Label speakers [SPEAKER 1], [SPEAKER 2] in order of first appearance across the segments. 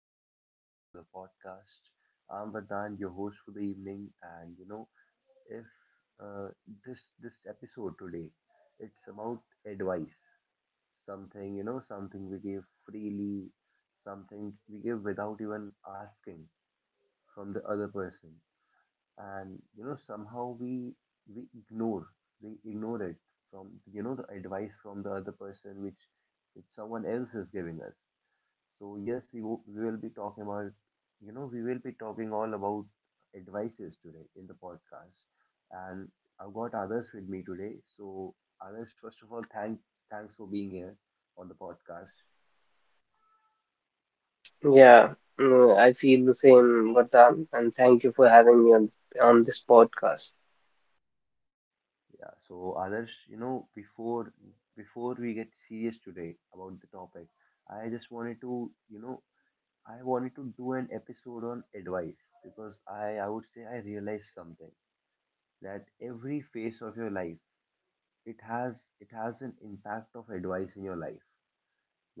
[SPEAKER 1] and welcome back to the podcast. I'm Vardhan, your host for the evening, and you know, if uh, this episode today, it's about advice, something something we give freely, something we give without even asking from the other person, and somehow we ignore we ignore it from the advice from the other person which someone else is giving us. So yes, we will be talking about, we will be talking all about advices today in the podcast. And I've got others with me today. So others, first of all, thanks for being here on the podcast.
[SPEAKER 2] Yeah, I feel the same, Vardhan, and thank you for having me on this podcast.
[SPEAKER 1] Yeah. So others, before we get serious today about the topic, I just wanted to, I wanted to do an episode on advice because I would say I realized something, that every phase of your life it has it has an impact of advice in your life.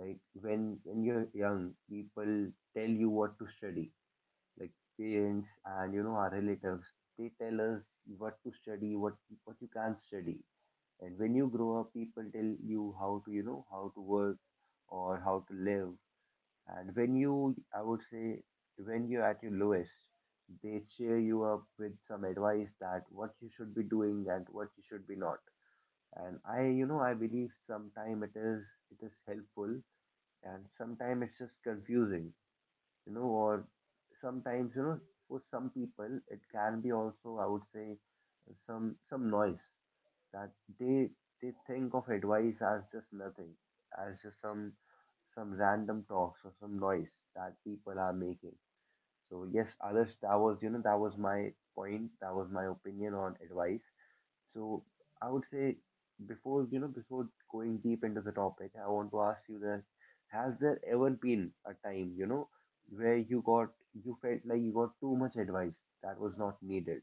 [SPEAKER 1] Like when you're young, people tell you what to study, like parents and our relatives, they tell us what to study what what you can study. And when you grow up, people tell you how to, how to work or how to live. And when you I would say, when you're at your lowest, they cheer you up with some advice, that what you should be doing and what you should be not. And I you know I believe sometime it is helpful, and sometimes it's just confusing, you know, or sometimes, you know, for some people it can be also, I would say, some noise. That they think of advice as just nothing, as just some random talks or some noise that people are making. So yes, others, that was, that was my point, that was my opinion on advice. So I would say, before you know before going deep into the topic, I want to ask you that, has there ever been a time, where you felt like you got too much advice that was not needed?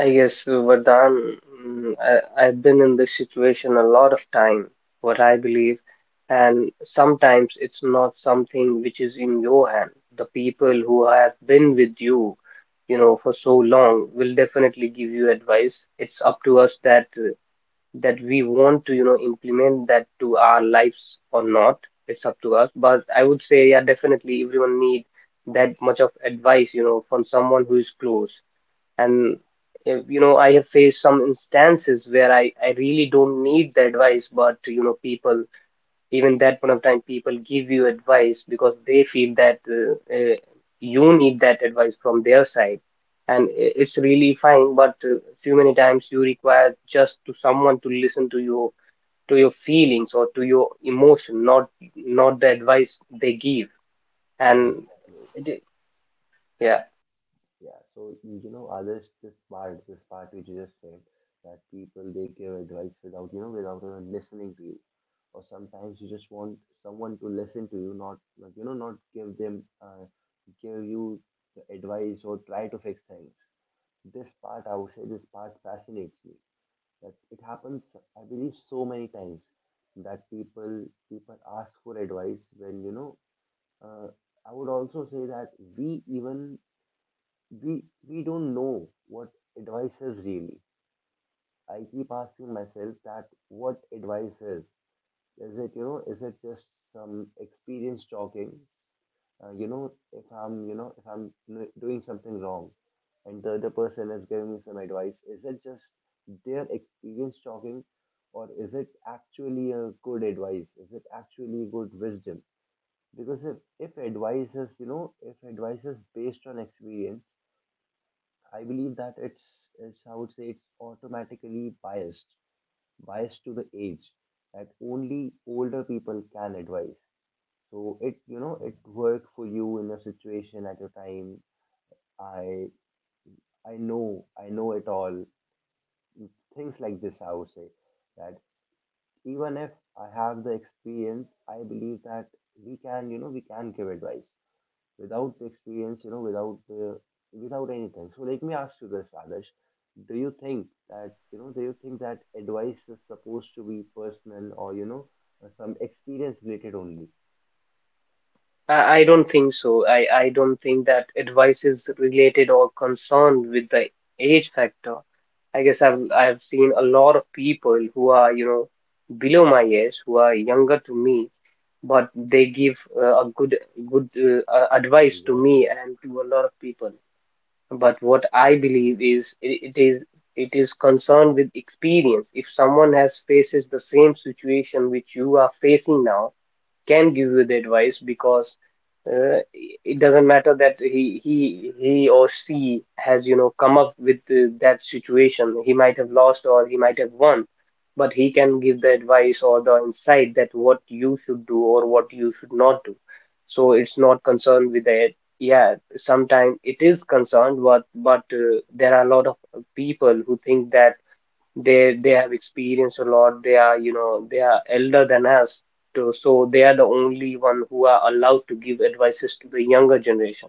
[SPEAKER 2] I guess, Vardhan, I've been in this situation a lot of time, what I believe, and sometimes it's not something which is in your hand. The people who have been with you, you know, for so long will definitely give you advice. It's up to us that we want to you know implement that to our lives or not, it's up to us, but I would say yeah, definitely everyone need that much of advice, you know, from someone who is close.
[SPEAKER 1] Yeah.
[SPEAKER 2] And if, you know, I have faced some instances where I really don't need the advice, but you know people, even that point of time, people give you advice because they feel that you need that advice from their side. And it's really fine, but too many times you require just to someone to listen to your, to your feelings or to your emotion, not, not the advice they give.
[SPEAKER 1] Yes.
[SPEAKER 2] And it, i- yeah.
[SPEAKER 1] Yeah, so you know, others, this part, which you just said, that people they give advice without without even listening to you, or sometimes you just want someone to listen to you, not like, not give them give you the advice or try to fix things. This part, I would say, this part fascinates me. That it happens, I believe, so many times that people ask for advice when Uh, I would also say that we even we don't know what advice is really. I keep asking myself that what advice is. Is it, you know? Is it just some experience talking? You know, if I'm doing something wrong, and the other person is giving me some advice, is it just their experience talking, or is it actually a good advice? Is it actually good wisdom? Because if advice is you know if advice is based on experience, I believe that it's, I would say it's automatically biased, biased to the age, that only older people can advise. So it, it worked for you in a situation at your time. I I know it all. Things like this, I would say, that even if I have the experience, I believe that we can, we can give advice without the experience, you know, without anything. So like, let me ask you this, Adarsh. Do you think that, you know, do you think that advice is supposed to be personal or, you know, some experience related only?
[SPEAKER 2] I don't think so. I don't think that advice is related or concerned with the age factor. I guess I've seen a lot of people who are, you know, below my age, who are younger to me, but they give a good, good advice to me
[SPEAKER 1] Exactly.
[SPEAKER 2] and to a lot of people. But what I believe is, it is, it is concerned with experience. If someone has faces the same situation which you are facing now, can give you the advice because it doesn't matter that he or she has, you know, come up with that situation. He might have lost or he might have won, but he can give the advice or the insight that what you should do or what you should not do. So it's not concerned with the, yeah. Sometimes it is concerned, but there are a lot of people who think that they have experienced a lot, they are, you know, they are elder than us to, so they are the only one who are allowed to give advices to the younger generation.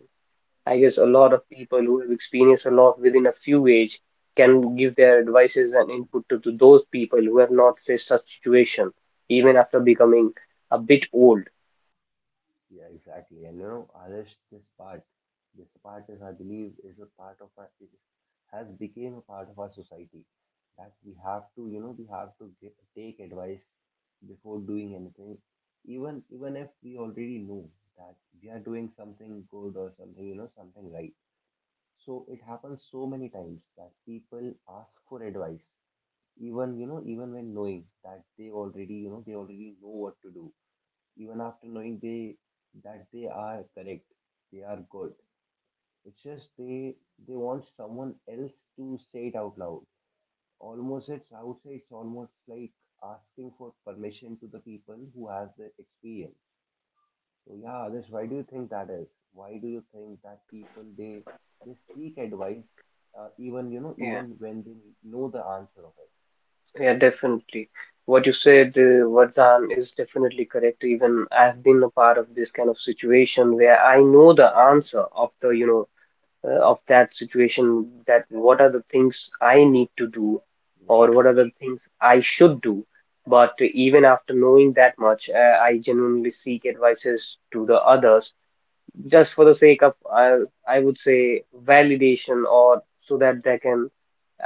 [SPEAKER 2] I guess a lot of people who have experienced a lot within a few age can give their advices and input to those people who have not faced such situation, even after becoming a bit old.
[SPEAKER 1] Yeah, exactly. And you know, Alish, this part, is, I believe, is a part of our, it has become a part of our society, that we have to, you know, we have to get, take advice before doing anything, even if we already know that we are doing something good or something, you know, something right. So it happens so many times that people ask for advice, even, you know, even when knowing that they already know what to do, even after knowing they that they are correct, they are good. It's just they want someone else to say it out loud. Almost it's, I would say, it's almost like asking for permission to the people who has the experience. So yeah, Adarsh, why do you think that is? Why do you think that people they seek advice, even,
[SPEAKER 2] Yeah.
[SPEAKER 1] even when they know the answer of it?
[SPEAKER 2] Yeah, definitely. What you said, Vardhan, is definitely correct. Even I've been a part of this kind of situation where I know the answer of the, you know, of that situation, that what are the things I need to do, or
[SPEAKER 1] Yeah,
[SPEAKER 2] what are the things I should do. But even after knowing that much, I genuinely seek advices to the others just for the sake of I would say validation, or so that they can,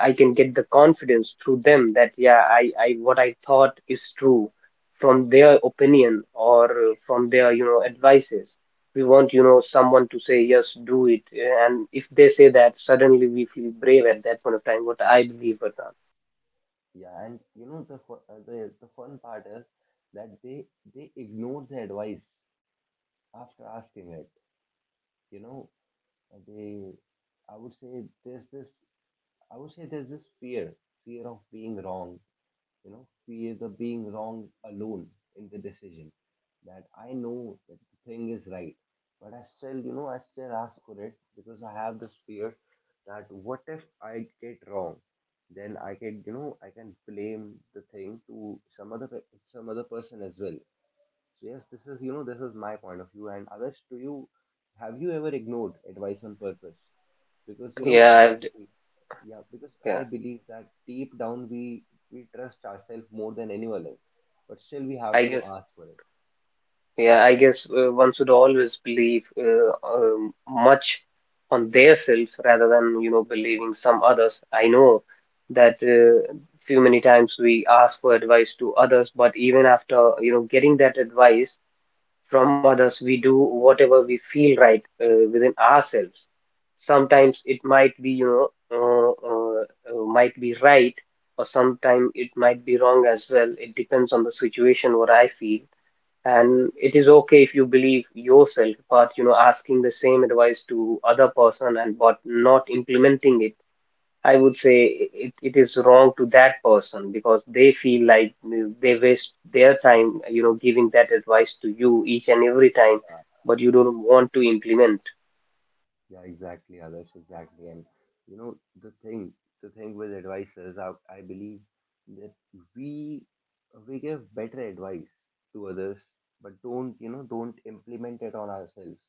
[SPEAKER 2] I can get the confidence through them that yeah, I what I thought is true, from their opinion or from their, you know, advices. We want, you know, someone to say yes, do it. And if they say that, suddenly we feel brave at that point of time, what I believe, or not.
[SPEAKER 1] yeah, and you know, the fun part is that they ignore the advice after asking it. You know, they, I would say there's this fear, fear of being wrong, you know, fear of being wrong alone in the decision. That I know that the thing is right, but I still, you know, I still ask for it because I have this fear, that what if I get wrong? Then I can, you know, I can blame the thing to some other some other person as well. Yes, this is, you know, this is my point of view. And others, have you ever ignored advice on purpose? Because, you know,
[SPEAKER 2] Yeah,
[SPEAKER 1] I
[SPEAKER 2] I've,
[SPEAKER 1] believe, yeah, because I
[SPEAKER 2] yeah,
[SPEAKER 1] believe that deep down we trust ourselves more than anyone else, but still we have
[SPEAKER 2] I
[SPEAKER 1] to
[SPEAKER 2] guess.
[SPEAKER 1] ask for it.
[SPEAKER 2] Yeah, I guess one should always believe much on their selves rather than, you know, believing some others. I know that few many times we ask for advice to others, but even after, you know, getting that advice from others, we do whatever we feel right within ourselves. Sometimes it might be, you know, uh, uh, might be right, or sometimes it might be wrong as well. It depends on the situation, what I feel. And it is okay if you believe yourself, but you know asking the same advice to other person and but not implementing it, I would say it, it is wrong to that person because they feel like they waste their time, you know, giving that advice to you each and every time,
[SPEAKER 1] Yeah,
[SPEAKER 2] but you don't want to implement.
[SPEAKER 1] yeah, exactly, others, exactly. And, you know, the thing with advice is, I believe that we, we give better advice to others, but don't, you know, don't implement it on ourselves.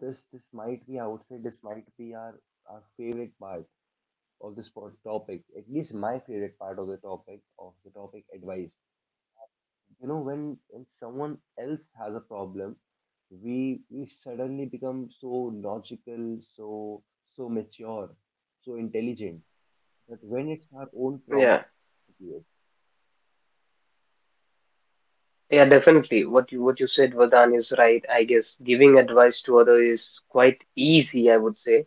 [SPEAKER 1] This might be, I would say, this might be our favorite part of this topic, at least my favorite part of the topic advice. You know, when someone else has a problem, we suddenly become so logical, so mature, so intelligent, but when it's our own
[SPEAKER 2] Yeah,
[SPEAKER 1] problem. Yes,
[SPEAKER 2] yeah, definitely what you, what you said, vadan, is right. I guess giving advice to other is quite easy, I would say,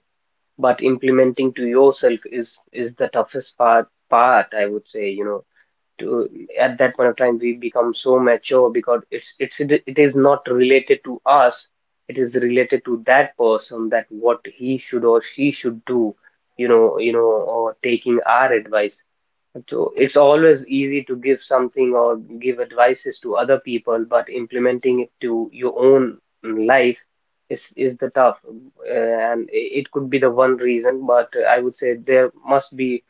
[SPEAKER 2] but implementing to yourself is the toughest part, I would say, you know, to, at that point of time we become so mature because it is not related to us. It is related to that person that what he should, or she should do, you know, you know, or taking our advice. So it's always easy to give something or give advices to other people, but implementing it to your own life is the tough, and it could be the one reason. But I would say there must be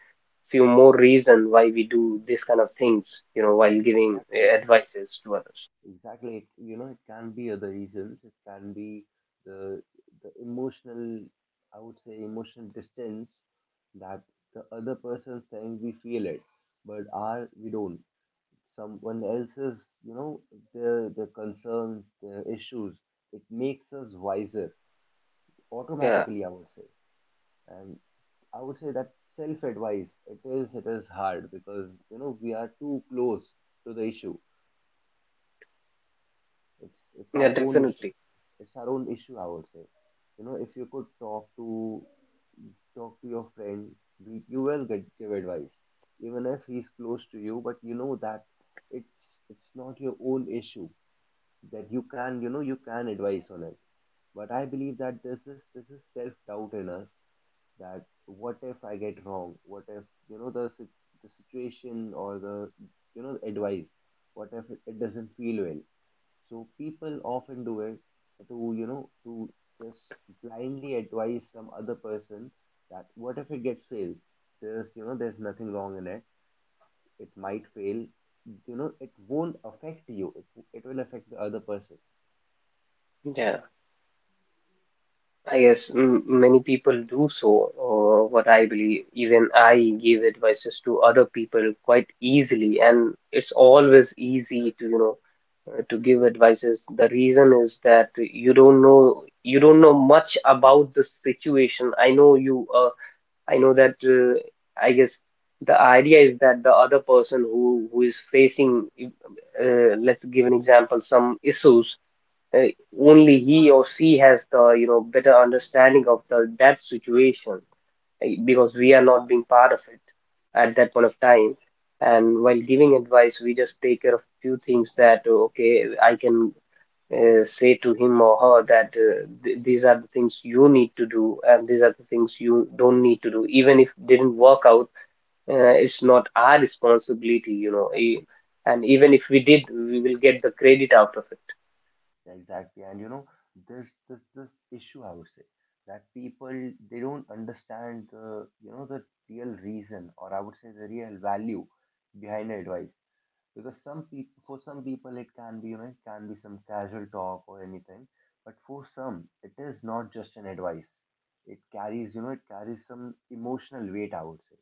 [SPEAKER 2] few more reason why we do this kind of things, you know, while giving
[SPEAKER 1] exactly.
[SPEAKER 2] advices to others.
[SPEAKER 1] Exactly. It, you know, it can be other reasons. It can be the the emotional, I would say, emotional distance, that the other person saying we feel it, but our we don't. Someone else's, you know, their concerns, their issues. It makes us wiser
[SPEAKER 2] Yeah,
[SPEAKER 1] automatically. I would say, and I would say that self advice, it is, it is hard because, you know, we are too close to the issue. It's
[SPEAKER 2] yeah,
[SPEAKER 1] our own issue.
[SPEAKER 2] definitely.
[SPEAKER 1] It's our own issue, I would say. You know, if you could talk to your friend, you will get give advice, even if he's close to you. But you know that it's it's not your own issue, that you can, you know, you can advise on it. But I believe that this is, this is self doubt in us, that what if I get wrong? What if, you know, the the situation or the, you know, advice, what if it, it doesn't feel well? So people often do it to, you know, to just blindly advise some other person, that what if it gets fails? There's, you know, there's nothing wrong in it. It might fail. You know, it won't affect you. It will affect the other person.
[SPEAKER 2] Yeah. I guess m many people do so, or what I believe. Even I give advices to other people quite easily, and it's always easy to, you know, to give advices. The reason is that you don't know much about the situation. I know you. I know that. I guess the idea is that the other person who is facing, let's give an example, some issues, uh, only he or she has the, you know, better understanding of the, that situation, because we are not being part of it at that point of time. And while giving advice we just take care of few things that okay, I can say to him or her that these are the things you need to do, and these are the things you don't need to do. Even if didn't work out, it's not our responsibility, you know,
[SPEAKER 1] Exactly.
[SPEAKER 2] and even if we did, we will get the credit out of
[SPEAKER 1] Exactly. And you know, this this issue, I would say, that people they don't understand the, you know, the real reason, or I would say the real value behind the advice. Because some people, for some people it can be, you know, it can be some casual talk or anything, but for some it is not just an advice, it carries, you know, it carries some emotional weight, I would say.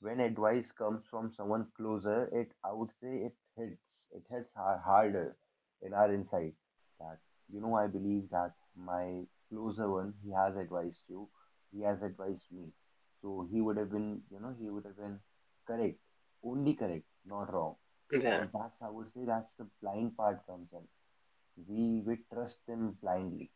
[SPEAKER 1] When advice comes from someone closer, it, I would say, it hits, it hits harder in our inside. That, you know, I believe that my closer one, he has advised me, so he would have been, you know, he would have been correct, only correct, not wrong,
[SPEAKER 2] it. Yeah.
[SPEAKER 1] and that's, I would say, that's the blind part comes in. We trust them blindly.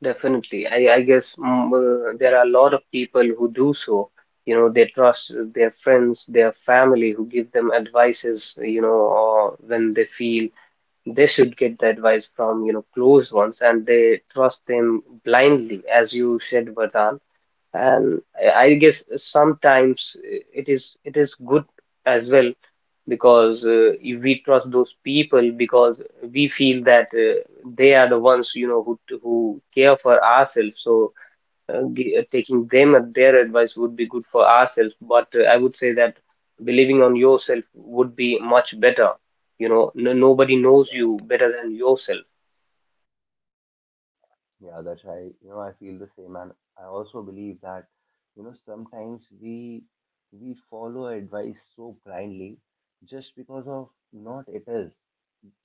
[SPEAKER 2] Definitely. I guess there are a lot of people who do so. You know, they trust their friends, their family, who give them advices, you know, or when they feel they should get the advice from, you know, close ones, and they trust them blindly, as you said, Vardhan. And I guess sometimes it is, it is good as well because if we trust those people because we feel that they are the ones, you know, who care for ourselves, so taking them at their advice would be good for ourselves, but I would say that believing on yourself would be much better. You know, no, nobody knows you better than yourself.
[SPEAKER 1] Yeah, that's, I, you know, I feel the same, and I also believe that, you know, sometimes we follow advice so blindly, just because of not it is,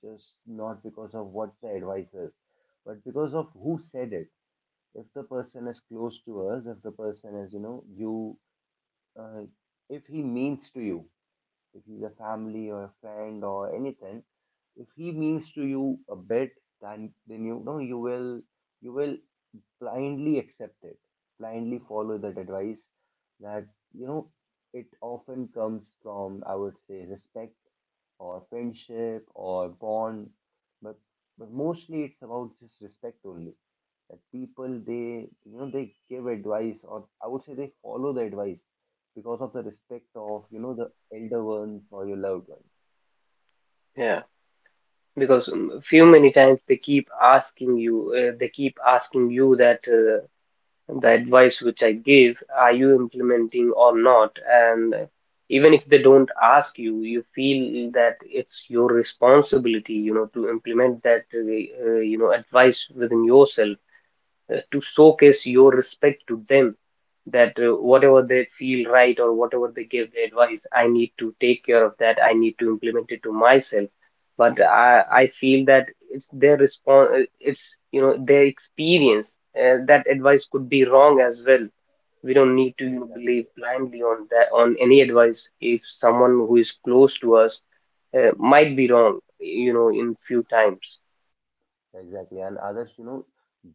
[SPEAKER 1] just not because of what the advice is, but because of who said it. If the person is close to us, if the person is, you know, uh, if he means to you, if he's a family or a friend or anything, if he means to you a bit, then you know you will blindly accept it, blindly follow that advice. That you know, it often comes from, I would say, respect or friendship or bond, but mostly it's about just respect only. That people, they, you know, they give advice, or I would say they follow the advice because of the respect of, you know, the elder ones or your loved ones.
[SPEAKER 2] Yeah, because few many times they keep asking you, they keep asking you that the advice which I give, are you implementing or not? And even if they don't ask you, you feel that it's your responsibility, you know, to implement that you know advice within yourself, to showcase your respect to them, that whatever they feel right or whatever they give the advice, I need to take care of that, I need to implement it to myself. But I feel that it's their response, it's, you know, their experience, that advice could be wrong as well. We don't need to,
[SPEAKER 1] Yeah,
[SPEAKER 2] you know,
[SPEAKER 1] exactly.
[SPEAKER 2] believe blindly on that, on any advice. If someone who is close to us, might be wrong, you know, in few times.
[SPEAKER 1] Exactly, and others, you know,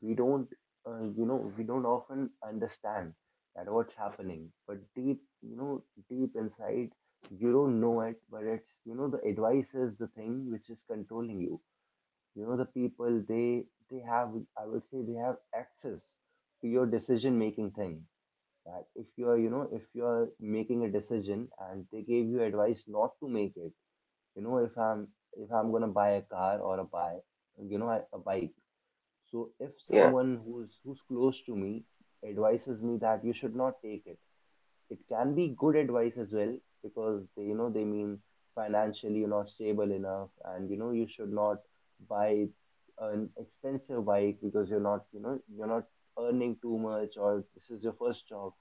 [SPEAKER 1] we don't, you know, we don't often understand that what's happening. But deep, you know, deep inside, you don't know it, but it's, you know, the advice is the thing which is controlling you. You know, the people, they have, I would say, they have access to your decision-making thing. That if you're, you know, if you're making a decision and they gave you advice not to make it, you know, if I'm gonna buy a car or a buy, you know, a bike. So if
[SPEAKER 2] Yeah,
[SPEAKER 1] someone who's close to me advises me that you should not take it, it can be good advice as well, because they, you know, they mean financially you're not stable enough, and you know you should not buy an expensive bike because you're not, you know, you're not earning too much, or this is your first job.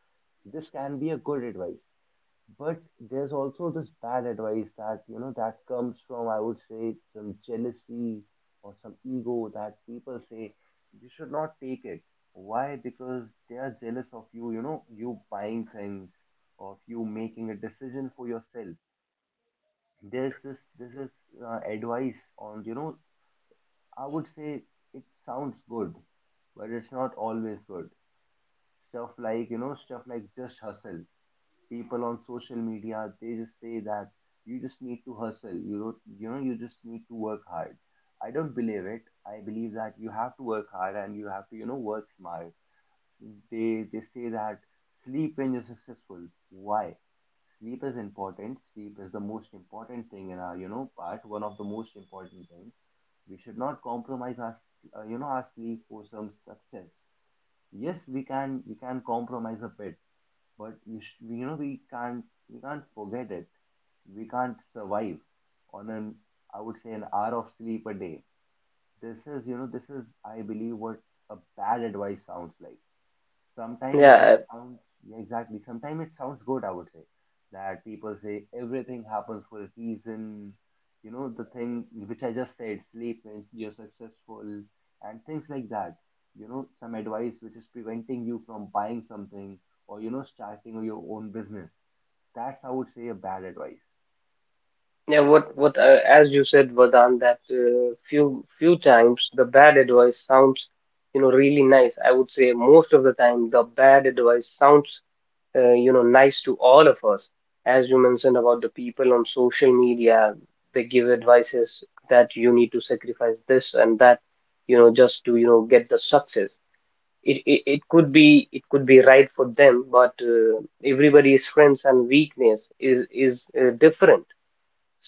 [SPEAKER 1] This can be a good advice. But there's also this bad advice that, you know, that comes from, I would say, some jealousy or some ego, that people say, you should not take it. Why? Because they are jealous of you, you know, you buying things, of you making a decision for yourself. There's this, this is advice on, you know, I would say it sounds good, but it's not always good. Stuff like, you know, stuff like just hustle. People on social media, they just say that you just need to hustle. You don't, you know, you just need to work hard. I don't believe it. I believe that you have to work hard, and you have to, you know, work smart. They say that sleep when you're successful. Why? Sleep is important. Sleep is the most important thing in our, you know, part, one of the most important things. We should not compromise our you know, our sleep for some success. Yes, we can, we can compromise a bit, but you, you know, we can't, we can't forget it. We can't survive on an, I would say, an hour of sleep a day. This is, you know, this is, I believe, what a bad advice sounds like. Sometimes it
[SPEAKER 2] yeah.
[SPEAKER 1] sounds, yeah, exactly. Sometimes it sounds good, I would say, that people say everything happens for a reason. You know, the thing which I just said, sleep when you're successful, and things like that. You know, some advice which is preventing you from buying something or, you know, starting your own business. That's, I would say, a bad advice.
[SPEAKER 2] Yeah, what as you said, Vardhan, that few times the bad advice sounds, you know, really nice. I would say most of the time the bad advice sounds, you know, nice to all of us. As you mentioned about the people on social media, they give advices that you need to sacrifice this and that, you know, just to, you know, get the success. It could be, it could be right for them, but everybody's strengths and weakness is different.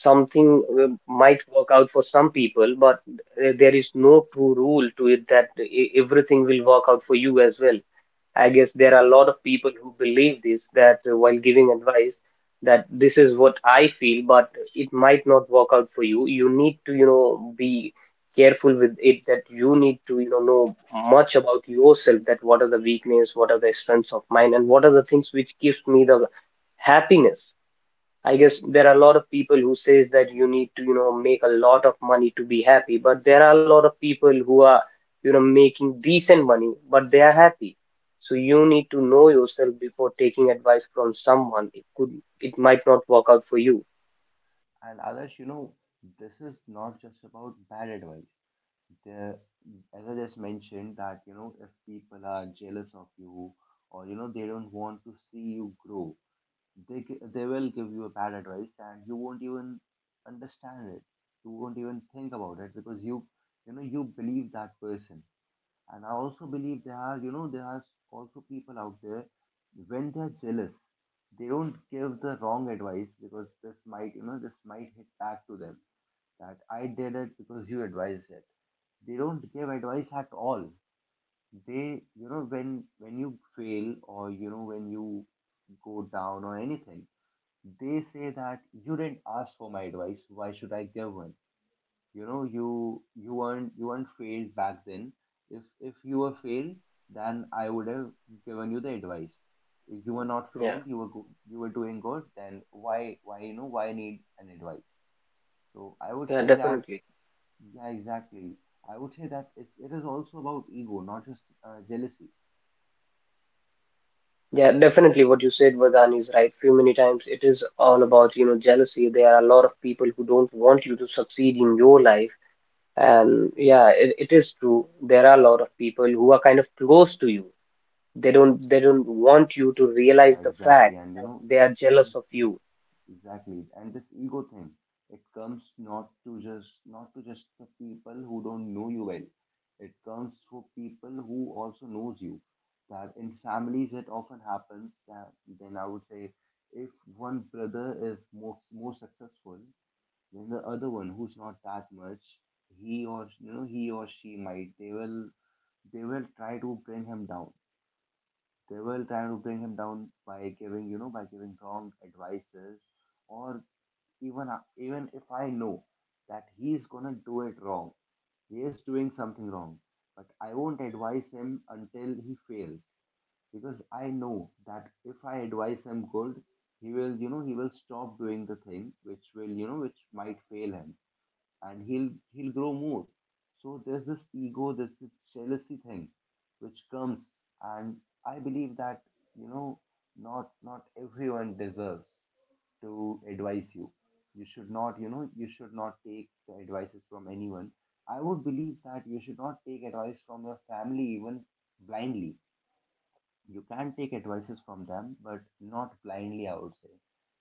[SPEAKER 2] Something might work out for some people, but there is no true rule to it that everything will work out for you as well. I guess there are a
[SPEAKER 1] Yeah.
[SPEAKER 2] lot of people who believe this that while giving advice that this is what I feel, but it might not work out for you. You need to, you know, be careful with it, that you need to, you know much about yourself, that what are the weakness, what are the strengths of mine, and what are the things which gives me the happiness. I guess there are a lot of people who says that you need to, you know, make a lot of money to be happy, but there are a lot of people who are, you know, making decent money, but they are happy. So you need to know yourself before taking advice from someone. It could, it might not work out for you.
[SPEAKER 1] And others, you know, this is not just about bad advice. There, as I just mentioned, that you know, if people are jealous of you, or you know, they don't want to see you grow, they they will give you a bad advice and you won't even understand it. You won't even think about it, because you know, you believe that person. And I also believe there are, you know, there are also people out there, when they're jealous, they don't give the wrong advice because this might, you know, this might hit back to them, that I did it because you advised it. They don't give advice at all. They, you know, when you fail, or you know, when you go down or anything, they say that you didn't ask for my advice, why should I give one? You know, you weren't, you weren't failed back then. if if you were failed, then I would have given you the advice. If you were not
[SPEAKER 2] Yeah,
[SPEAKER 1] failed, you were you were doing good, then why, you know, why need an advice? So I would
[SPEAKER 2] yeah,
[SPEAKER 1] say that,
[SPEAKER 2] definitely.
[SPEAKER 1] yeah, exactly. I would say that it is also about ego, not just jealousy.
[SPEAKER 2] Yeah, definitely what you said, Vardhan, is right. Few many times it is all about, jealousy. There are a lot of people who don't want you to succeed in your life. And yeah, it is true. There are a lot of people who are kind of close to you. They don't want you to realize
[SPEAKER 1] Yeah,
[SPEAKER 2] the
[SPEAKER 1] exactly.
[SPEAKER 2] fact
[SPEAKER 1] And you
[SPEAKER 2] that
[SPEAKER 1] know,
[SPEAKER 2] they are
[SPEAKER 1] this,
[SPEAKER 2] jealous of
[SPEAKER 1] this
[SPEAKER 2] you.
[SPEAKER 1] exactly. And this ego thing, it comes not to just, not to just the people who don't know you well. It comes for people who also knows you. That in families it often happens, that then I would say, if one brother is most more successful, then the other one who's not that much, he, or you know, he or she might, they will, they will try to bring him down. They will try to bring him down by giving, you know, by giving wrong advices. Or even, even if I know that he's gonna do it wrong, he is doing something wrong, but I won't advise him until he fails, because I know that if I advise him good, he will, you know, he will stop doing the thing which will, you know, which might fail him, and he'll, he'll grow more. So there's this ego, there's this jealousy thing which comes, and I believe that, you know, not, not everyone deserves to advise you. You should not, you know, you should not take the advices from anyone. I would believe that you should not take advice from your family even blindly. You can take advices from them, but not blindly, I would say.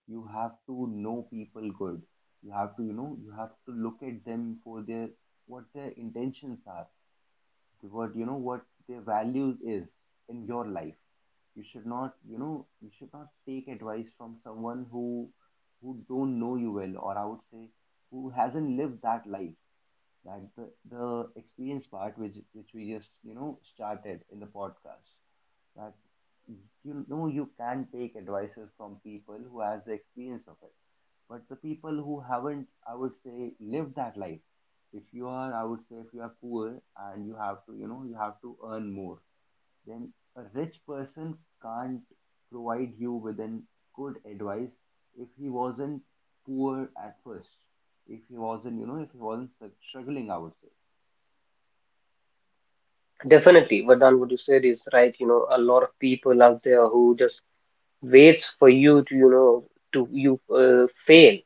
[SPEAKER 1] You have to know people good. You have to, you know, you have to look at them for their, what their intentions are, what, you know, what their values is in your life. You should not, you know, you should not take advice from someone who don't know you well, or I would say, who hasn't lived that life. That the experience part, which we just, you know, started in the podcast, that, you know, you can take advices from people who has the experience of it. But the people who haven't, I would say, lived that life, if you are, I would say, if you are poor and you have to, you know, you have to earn more, then a rich person can't provide you with an good advice, if he wasn't poor at first, if he wasn't, you know, if he wasn't struggling, I would say.
[SPEAKER 2] Definitely, Vardhan, what you said is right. You know, a lot of people out there who just waits for you to, you know, to you fail.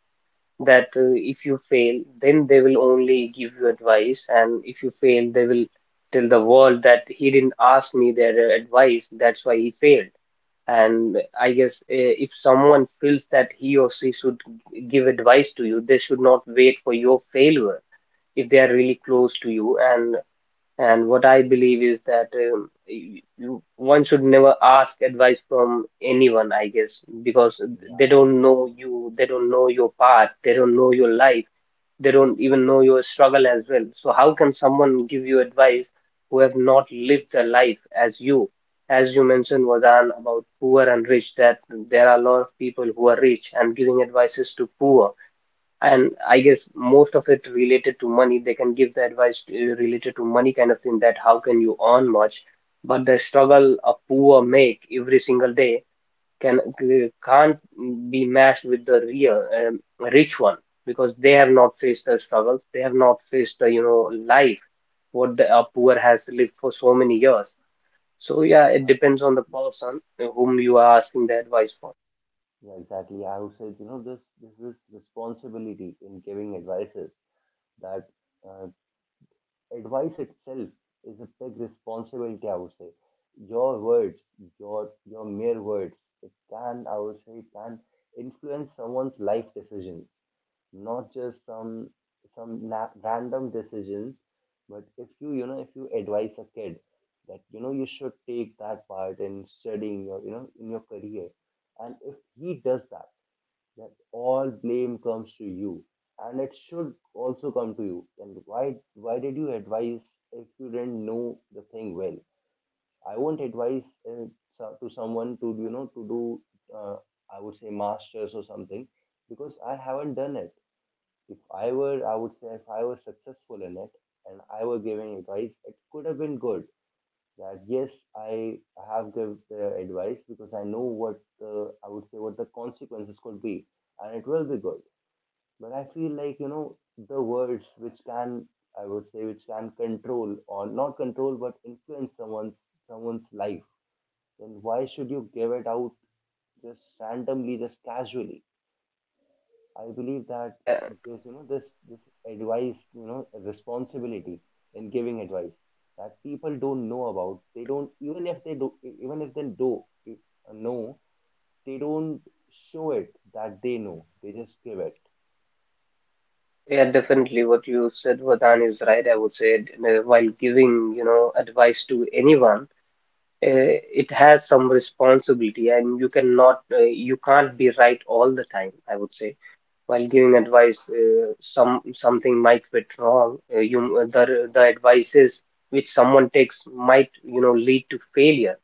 [SPEAKER 2] That if you fail, then they will only give you advice, and if you fail, they will tell the world that he didn't ask me their advice. That's why he failed. And I guess if someone feels that he or she should give advice to you, they should not wait for your failure if they are really close to you. And what I believe is that you, one should never ask advice from anyone, I guess, because they
[SPEAKER 1] Yeah,
[SPEAKER 2] don't know you, they don't know your path, they don't know your life, they don't even know your struggle as well. So how can someone give you advice who have not lived their life as you? As you mentioned, Vadan, about poor and rich, that there are a lot of people who are rich and giving advices to poor. And I guess most of it related to money. They can give the advice related to money kind of thing, that how can you earn much? But the struggle a poor make every single day can can't be matched with the real rich one, because they have not faced the struggles, they have not faced the, you know, life what the poor has lived for so many years. So yeah, it depends on the person whom you are asking the advice for.
[SPEAKER 1] yeah, exactly. I would say, you know, this is responsibility in giving advices. That uh, advice itself is a big responsibility. I would say, your words, your mere words, it can, I would say, it can influence someone's life decisions, not just some na random decisions. But if you, you know, if you advise a kid that, you know, you should take that part in studying your, you know, in your career, and if he does that, that all blame comes to you, and it should also come to you. And why did you advise if you didn't know the thing well? I won't advise, uh, to someone, to you know, to do, uh, I would say masters or something, because I haven't done it. If I were, I would say, if I was successful in it and I were giving advice, it could have been good. That yes, I have given the advice because I know what the, I would say, what the consequences could be, and it will be good. But I feel like, you know, the words which can, I would say, which can control or not control, but influence someone's, someone's life, then why should you give it out just randomly, just casually? I believe that
[SPEAKER 2] Yeah,
[SPEAKER 1] there's, you know, this advice, you know, responsibility in giving advice that people don't know about. They don't, even if they do, even if they do, know, they don't show it that they know. They just give it.
[SPEAKER 2] yeah, definitely what you said, Vardhan, is right. I would say, while giving, you know, advice to anyone, uh, it has some responsibility, and you cannot you can't be right all the time, I would say. While giving advice, some something might fit wrong, you the advices which someone takes might, you know, lead to failure.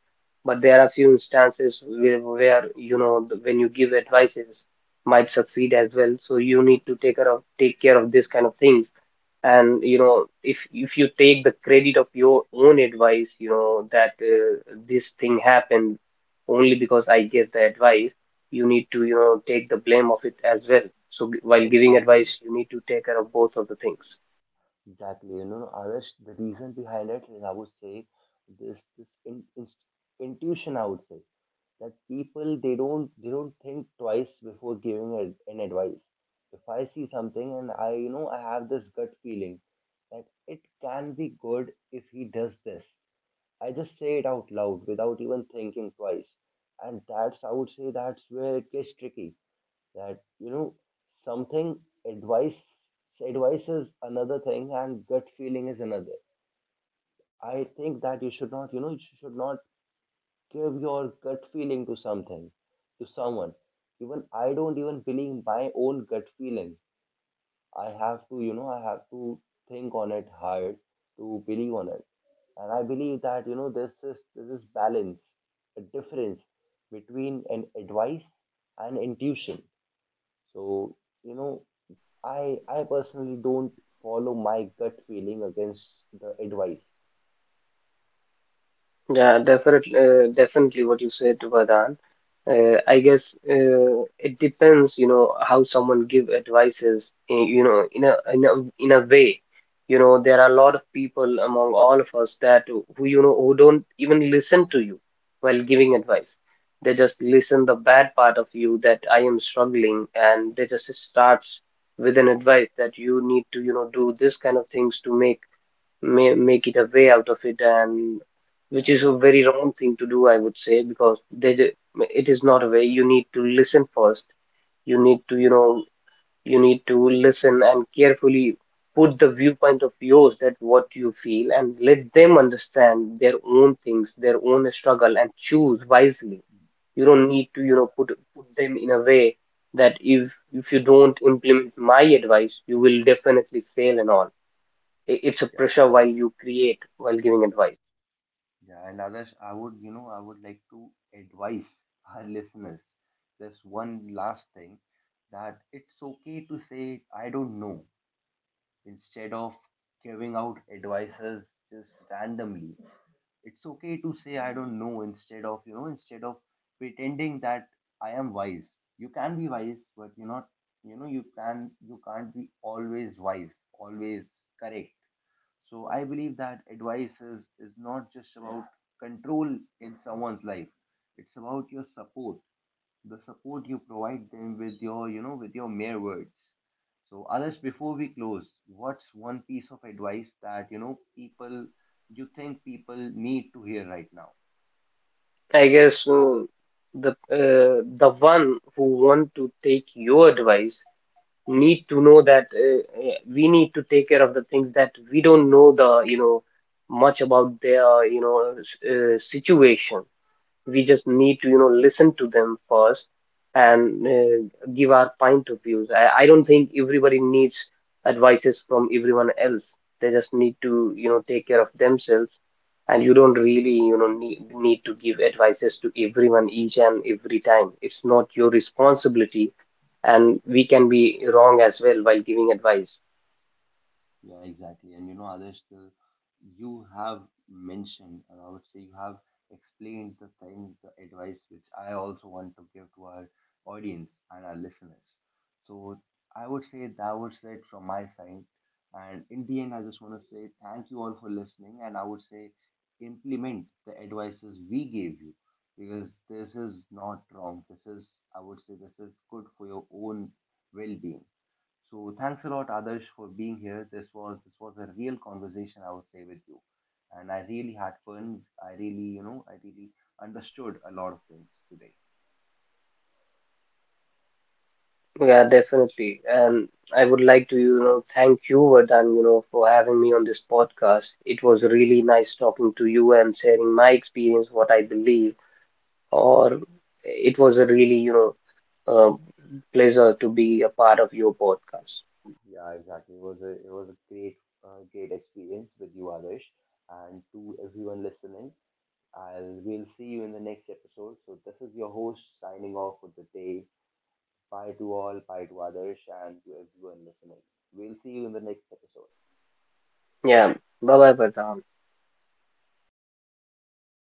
[SPEAKER 2] But there are few instances where, you know, when you give advices, might succeed as well. So you need to take care of this kind of things. And you know, if you take the credit of your own advice, you know, that this thing happened only because I gave the advice, you need to, you know, take the blame of it as well. So while giving advice,
[SPEAKER 1] Exactly.
[SPEAKER 2] you need to take care of both of the things.
[SPEAKER 1] Exactly. You know, Adarsh, the reason behind it is, I would say, this in, intuition. I would say that people, they don't think twice before giving a, an advice. If I see something and I, you know, I have this gut feeling that it can be good if he does this, I just say it out loud without even thinking twice, and that's, I would say, that's where it gets tricky. That, you know, something, advice, advice is another thing, and gut feeling is another. I think that you should not, you know, you should not give your gut feeling to something, to someone. Even I don't even believe my own gut feeling. I have to, you know, I have to think on it hard to believe on it. And I believe that, you know, this is, this is balance, a difference between an advice and intuition. So, you know, I personally don't follow my gut feeling against the advice.
[SPEAKER 2] Yeah, definitely, definitely what you said, Vardhan. I guess it depends, you know, how someone give advices, you know, in a in a way. You know, there are a lot of people among all of us that who, you know, who don't even listen to you while giving advice. They just listen the bad part of you that I am struggling, and they just starts with an advice that you need to, you know, do this kind of things to make make it a way out of it. And which
[SPEAKER 1] Yeah,
[SPEAKER 2] is a very wrong thing to do, I would say, because they, it is not a way. You need to listen first, you need to, you know, you need to listen and carefully put the viewpoint of yours, that what you feel, and let them understand their own things, their own struggle, and choose wisely. You don't need to, you know, put them in a way that if you don't implement my advice, you will definitely fail and all. It's a
[SPEAKER 1] yeah,
[SPEAKER 2] pressure
[SPEAKER 1] and
[SPEAKER 2] while you create while giving advice.
[SPEAKER 1] yeah, and Adarsh, I would, you know, I would like to advise our listeners just one last thing, that it's okay to say I don't know, instead of giving out advices just randomly. It's okay to say I don't know, instead of, you know, instead of pretending that I am wise. You can be wise, but you're not, you know, you can, you can't be always wise, always correct. So I believe that advice is not just about control in someone's life. It's about your support, the support you provide them with your, you know, with your mere words. So others, before we close, what's one piece of advice that, you know, people, you think people need to hear right now?
[SPEAKER 2] I guess the one who want to take your advice need to know that we need to take care of the things that we don't know the, you know, much about their, you know, situation. We just need to, you know, listen to them first, and give our point of views. I don't think everybody needs advices from everyone else. They just need to, you know, take care of themselves. And you don't really, you know, need to give advices to everyone each and every time. It's not your responsibility, and we can be wrong as well while giving advice.
[SPEAKER 1] Yeah, exactly. And you know, Adesh, the, you have mentioned, and I would say you have explained the things, the advice which I also want to give to our audience and our listeners. So I would say that was it from my side. And in the end, I just want to say thank you all for listening. And I would say implement the advices we gave you, because this is not wrong. This is, I would say, this is good for your own well being. So thanks a lot, Adarsh, for being here. This was, this was a real conversation, I would say, with you, and I really had fun. I really, you know, I really understood a lot of things today.
[SPEAKER 2] Yeah, definitely. And I would like to, you know, thank you, Vardhan, you know, for having me on this podcast. It was really nice talking to you and sharing my experience, what I believe, or it was a really, you know, um pleasure to be a part of your podcast.
[SPEAKER 1] Yeah, exactly. It was a, it was a great great experience with you, Adarsh, and to everyone listening. I'll we'll see you in the next episode. So this is your host signing off for the day. Bye to all, bye to Adarsh, and to everyone listening. We'll see you in the next episode.
[SPEAKER 2] Yeah. Bye bye, Vardhan.